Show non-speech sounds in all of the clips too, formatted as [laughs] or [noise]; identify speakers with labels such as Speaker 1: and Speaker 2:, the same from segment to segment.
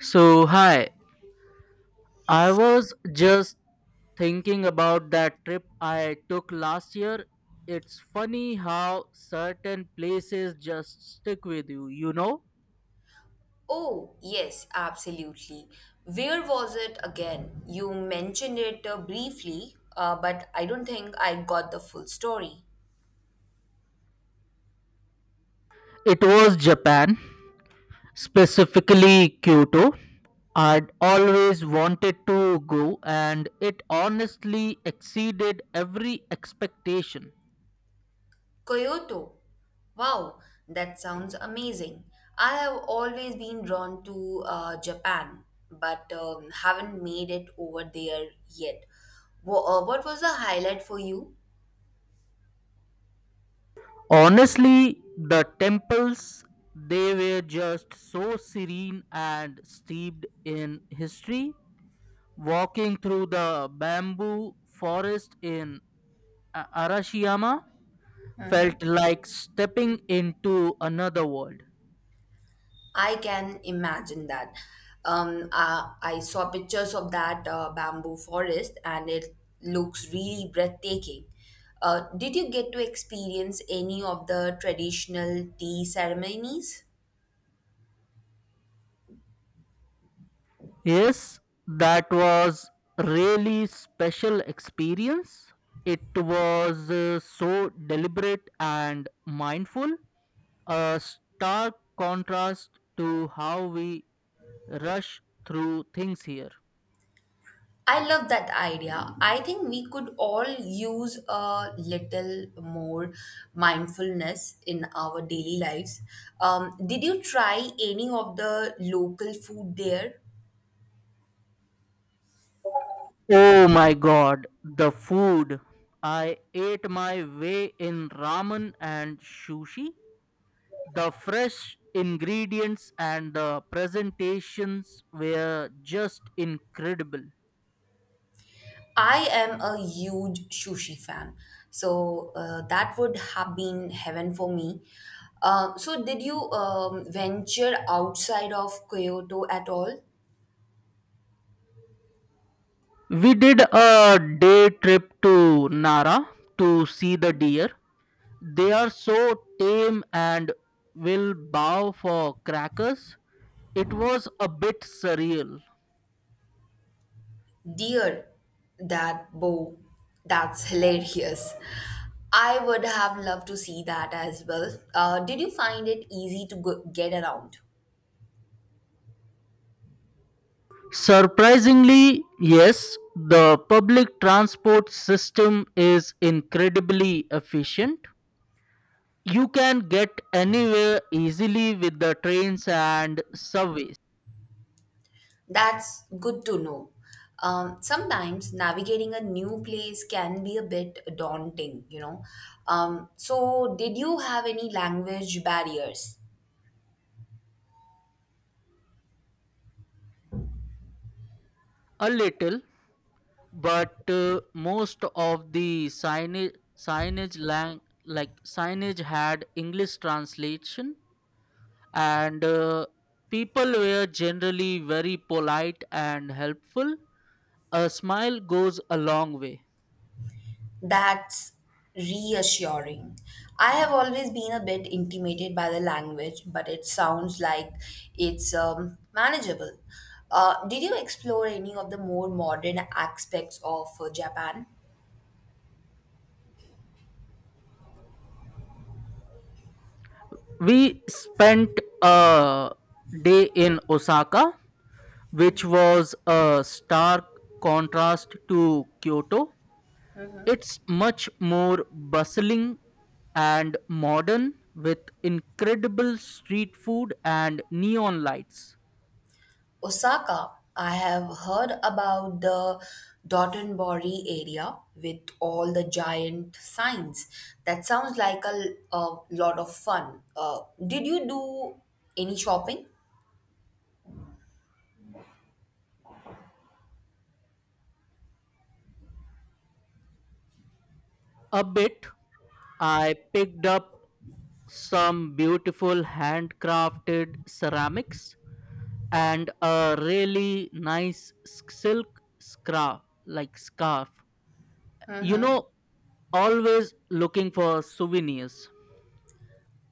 Speaker 1: So, hi, I was just thinking about that trip I took last year. It's funny how certain places just stick with you, you know?
Speaker 2: Oh, yes, absolutely. Where was it again? You mentioned it briefly, but I don't think I got the full story.
Speaker 1: It was Japan, specifically Kyoto. I'd always wanted to go, and it honestly exceeded every expectation.
Speaker 2: Kyoto. Wow, that sounds amazing. I have always been drawn to Japan, but haven't made it over there yet. What was the highlight for you?
Speaker 1: Honestly, the temples, they were just so serene and steeped in history. Walking through the bamboo forest in Arashiyama felt like stepping into another world.
Speaker 2: I can imagine that. I saw pictures of that bamboo forest, and it looks really breathtaking. Did you get to experience any of the traditional tea ceremonies?
Speaker 1: Yes, that was really special experience. It was so deliberate and mindful, a stark contrast to how we rush through things here.
Speaker 2: I love that idea. I think we could all use a little more mindfulness in our daily lives. Did you try any of the local food there?
Speaker 1: Oh my god, the food. I ate my way in ramen and sushi. The fresh ingredients and the presentations were just incredible.
Speaker 2: I am a huge sushi fan, so that would have been heaven for me. So, did you venture outside of Kyoto at all?
Speaker 1: We did a day trip to Nara to see the deer. They are so tame and will bow for crackers. It was a bit surreal.
Speaker 2: Dear, that bow, that's hilarious. I would have loved to see that as well. Did you find it easy to get around?
Speaker 1: Surprisingly, yes, the public transport system is incredibly efficient. You can get anywhere easily with the trains and subways.
Speaker 2: That's good to know. Sometimes navigating a new place can be a bit daunting, you know. So, did you have any language barriers?
Speaker 1: A little, but most of the signage, signage lang- like signage had English translation, and people were generally very polite and helpful. A smile goes a long way.
Speaker 2: That's reassuring. I have always been a bit intimidated by the language, but it sounds like it's manageable. Did you explore any of the more modern aspects of Japan?
Speaker 1: We spent a day in Osaka, which was a stark contrast to Kyoto. It's much more bustling and modern with incredible street food and neon lights.
Speaker 2: Osaka, I have heard about the Dotonbori area with all the giant signs. That sounds like a lot of fun. Did you do any shopping?
Speaker 1: A bit, I picked up some beautiful handcrafted ceramics and a really nice silk scarf like scarf, you know always looking for souvenirs.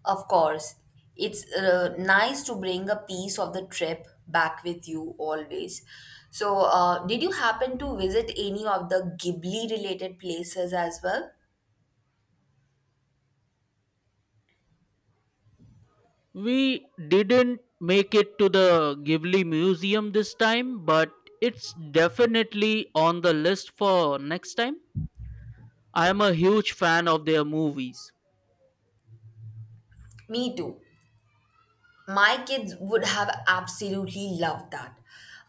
Speaker 2: Of course. It's nice to bring a piece of the trip back with you always. So, did you happen to visit any of the Ghibli related places as well?
Speaker 1: We didn't make it to the Ghibli Museum this time, but it's definitely on the list for next time. I am a huge fan of their movies.
Speaker 2: Me too. My kids would have absolutely loved that.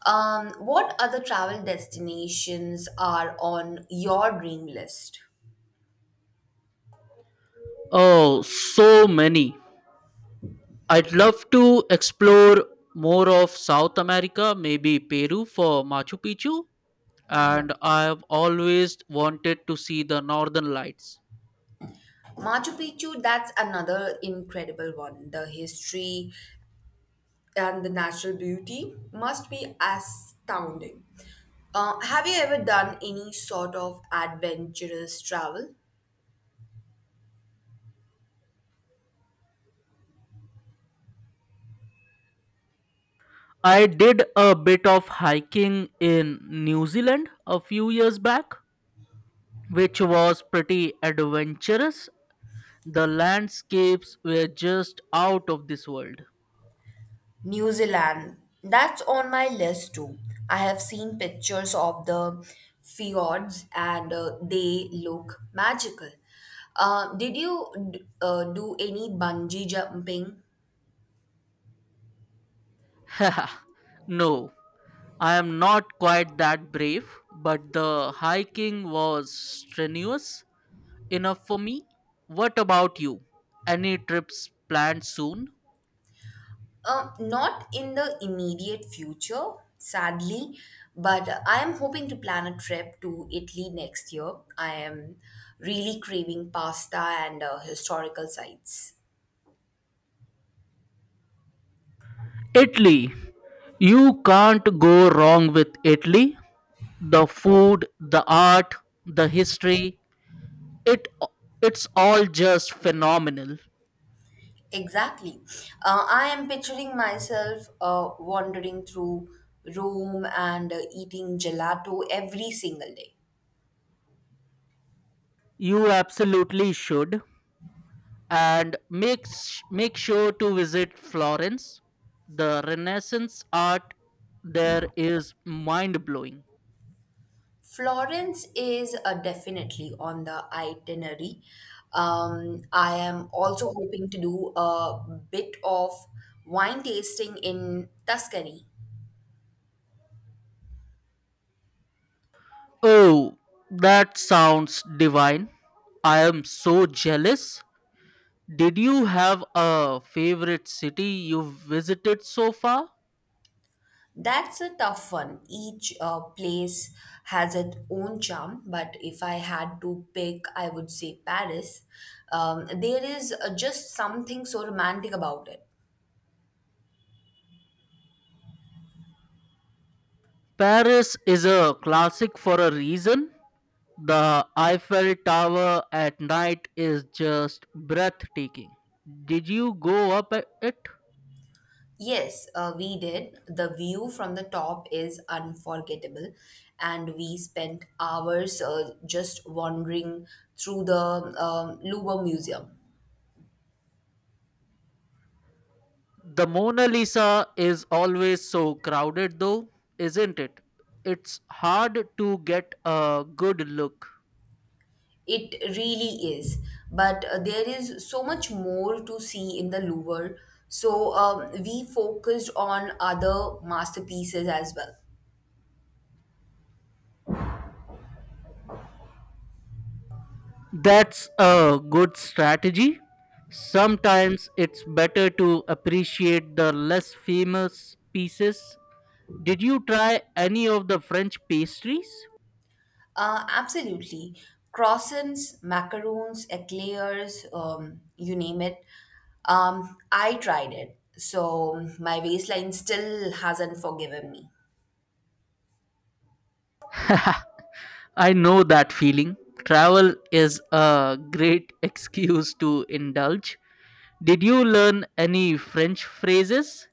Speaker 2: What other travel destinations are on your dream list?
Speaker 1: Oh, so many. I'd love to explore more of South America, maybe Peru for Machu Picchu, and I've always wanted to see the northern lights.
Speaker 2: Machu Picchu, that's another incredible one. The history and the natural beauty must be astounding. Have you ever done any sort of adventurous travel?
Speaker 1: I did a bit of hiking in New Zealand a few years back, which was pretty adventurous. The landscapes were just out of this world.
Speaker 2: New Zealand. That's on my list too. I have seen pictures of the fjords, and they look magical. Uh, did you do any bungee jumping?
Speaker 1: [laughs] Haha, no, I am not quite that brave, but the hiking was strenuous enough for me. What about you? Any trips planned soon?
Speaker 2: Not in the immediate future, sadly, but I am hoping to plan a trip to Italy next year. I am really craving pasta and historical sites.
Speaker 1: Italy. You can't go wrong with Italy. The food, the art, the history, it it's all just phenomenal.
Speaker 2: Exactly. I am picturing myself wandering through Rome and eating gelato every single day.
Speaker 1: You absolutely should, and make sure to visit Florence. The Renaissance art there is mind-blowing.
Speaker 2: Florence is definitely on the itinerary. I am also hoping to do a bit of wine tasting in Tuscany.
Speaker 1: Oh, that sounds divine. I am so jealous. Did you have a favorite city you've visited so far?
Speaker 2: That's a tough one. Each place has its own charm, but if I had to pick, I would say Paris. There is just something so romantic about it.
Speaker 1: Paris is a classic for a reason. The Eiffel Tower at night is just breathtaking. Did you go up it?
Speaker 2: Yes, we did. The view from the top is unforgettable, and we spent hours just wandering through the Louvre Museum.
Speaker 1: The Mona Lisa is always so crowded, though, isn't it? It's hard to get a good look.
Speaker 2: It really is. But there is so much more to see in the Louvre. So, we focused on other masterpieces as well.
Speaker 1: That's a good strategy. Sometimes it's better to appreciate the less famous pieces. Did you try any of the French pastries?
Speaker 2: Absolutely. Croissants, macaroons, eclairs, you name it. I tried it. So my waistline still hasn't forgiven me.
Speaker 1: [laughs] I know that feeling. Travel is a great [laughs] excuse to indulge. Did you learn any French phrases?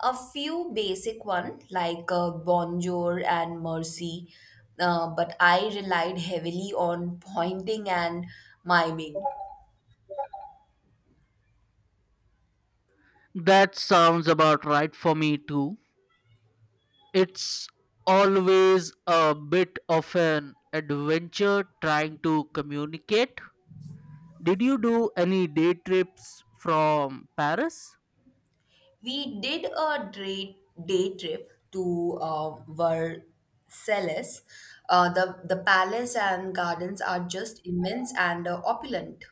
Speaker 2: A few basic one like bonjour and mercy, but I relied heavily on pointing and miming.
Speaker 1: That sounds about right for me too. It's always a bit of an adventure trying to communicate. Did you do any day trips from Paris?
Speaker 2: We did day trip to Versailles. The palace and gardens are just immense and opulent.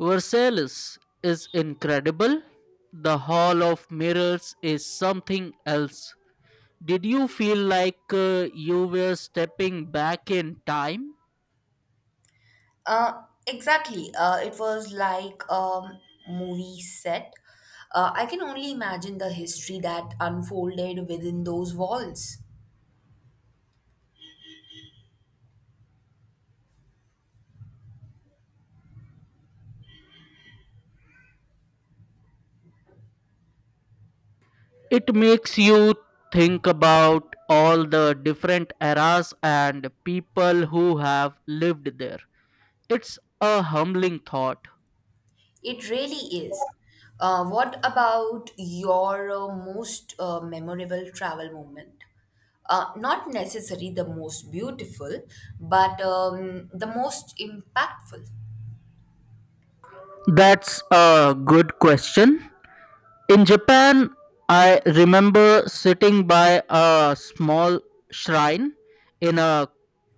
Speaker 1: Versailles is incredible. The Hall of Mirrors is something else. Did you feel like you were stepping back in time?
Speaker 2: Exactly. It was like a movie set. I can only imagine the history that unfolded within those walls.
Speaker 1: It makes you think about all the different eras and people who have lived there. It's a humbling thought.
Speaker 2: It really is. What about your most memorable travel moment? Not necessarily the most beautiful, but the most impactful.
Speaker 1: That's a good question. In Japan, I remember sitting by a small shrine in a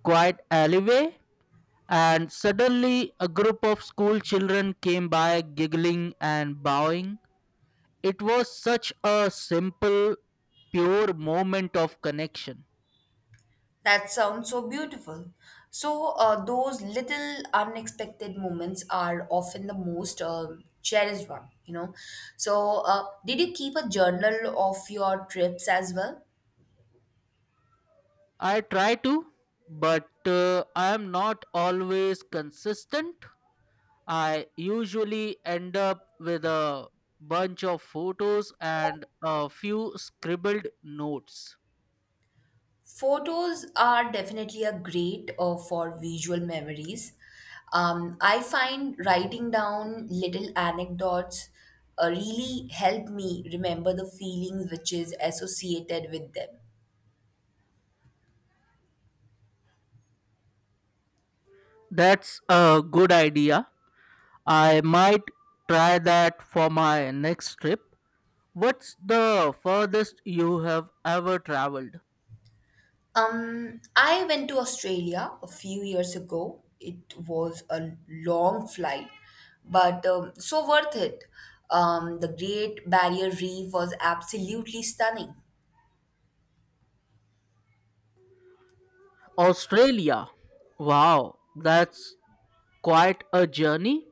Speaker 1: quiet alleyway, and suddenly a group of school children came by giggling and bowing. It was such a simple, pure moment of connection.
Speaker 2: That sounds so beautiful. So, those little unexpected moments are often the most cherished one, you know. So, did you keep a journal of your trips as well?
Speaker 1: I try to, but I am not always consistent. I usually end up with a bunch of photos and a few scribbled notes.
Speaker 2: Photos are definitely a great for visual memories. I find writing down little anecdotes really help me remember the feelings which is associated with them.
Speaker 1: That's a good idea. I might try that for my next trip. What's the furthest you have ever traveled?
Speaker 2: I went to Australia a few years ago. It was a long flight, but so worth it. The Great Barrier Reef was absolutely stunning.
Speaker 1: Australia. Wow, that's quite a journey.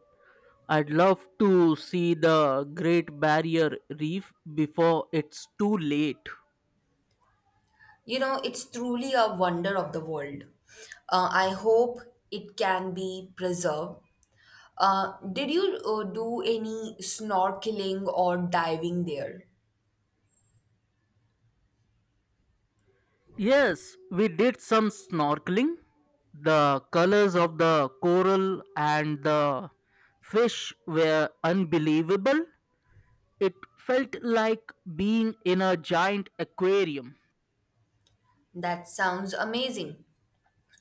Speaker 1: I'd love to see the Great Barrier Reef before it's too late.
Speaker 2: You know, it's truly a wonder of the world. I hope it can be preserved. Did you do any snorkeling or diving there?
Speaker 1: Yes, we did some snorkeling. The colors of the coral and the fish were unbelievable. It felt like being in a giant aquarium.
Speaker 2: That sounds amazing.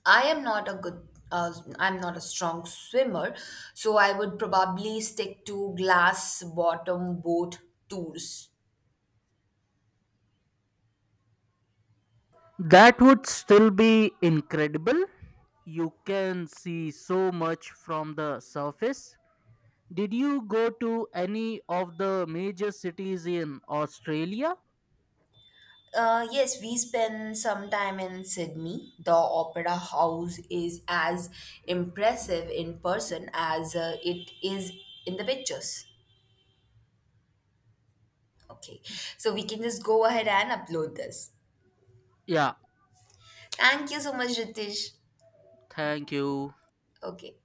Speaker 2: I am not a good, uh, I'm not a strong swimmer, so I would probably stick to glass bottom boat tours.
Speaker 1: That would still be incredible. You can see so much from the surface. Did you go to any of the major cities in Australia?
Speaker 2: Yes, we spent some time in Sydney. The Opera House is as impressive in person as it is in the pictures. Okay, so we can just go ahead and upload this.
Speaker 1: Yeah,
Speaker 2: Thank you so much, Ritesh.
Speaker 1: thank you.
Speaker 2: Okay.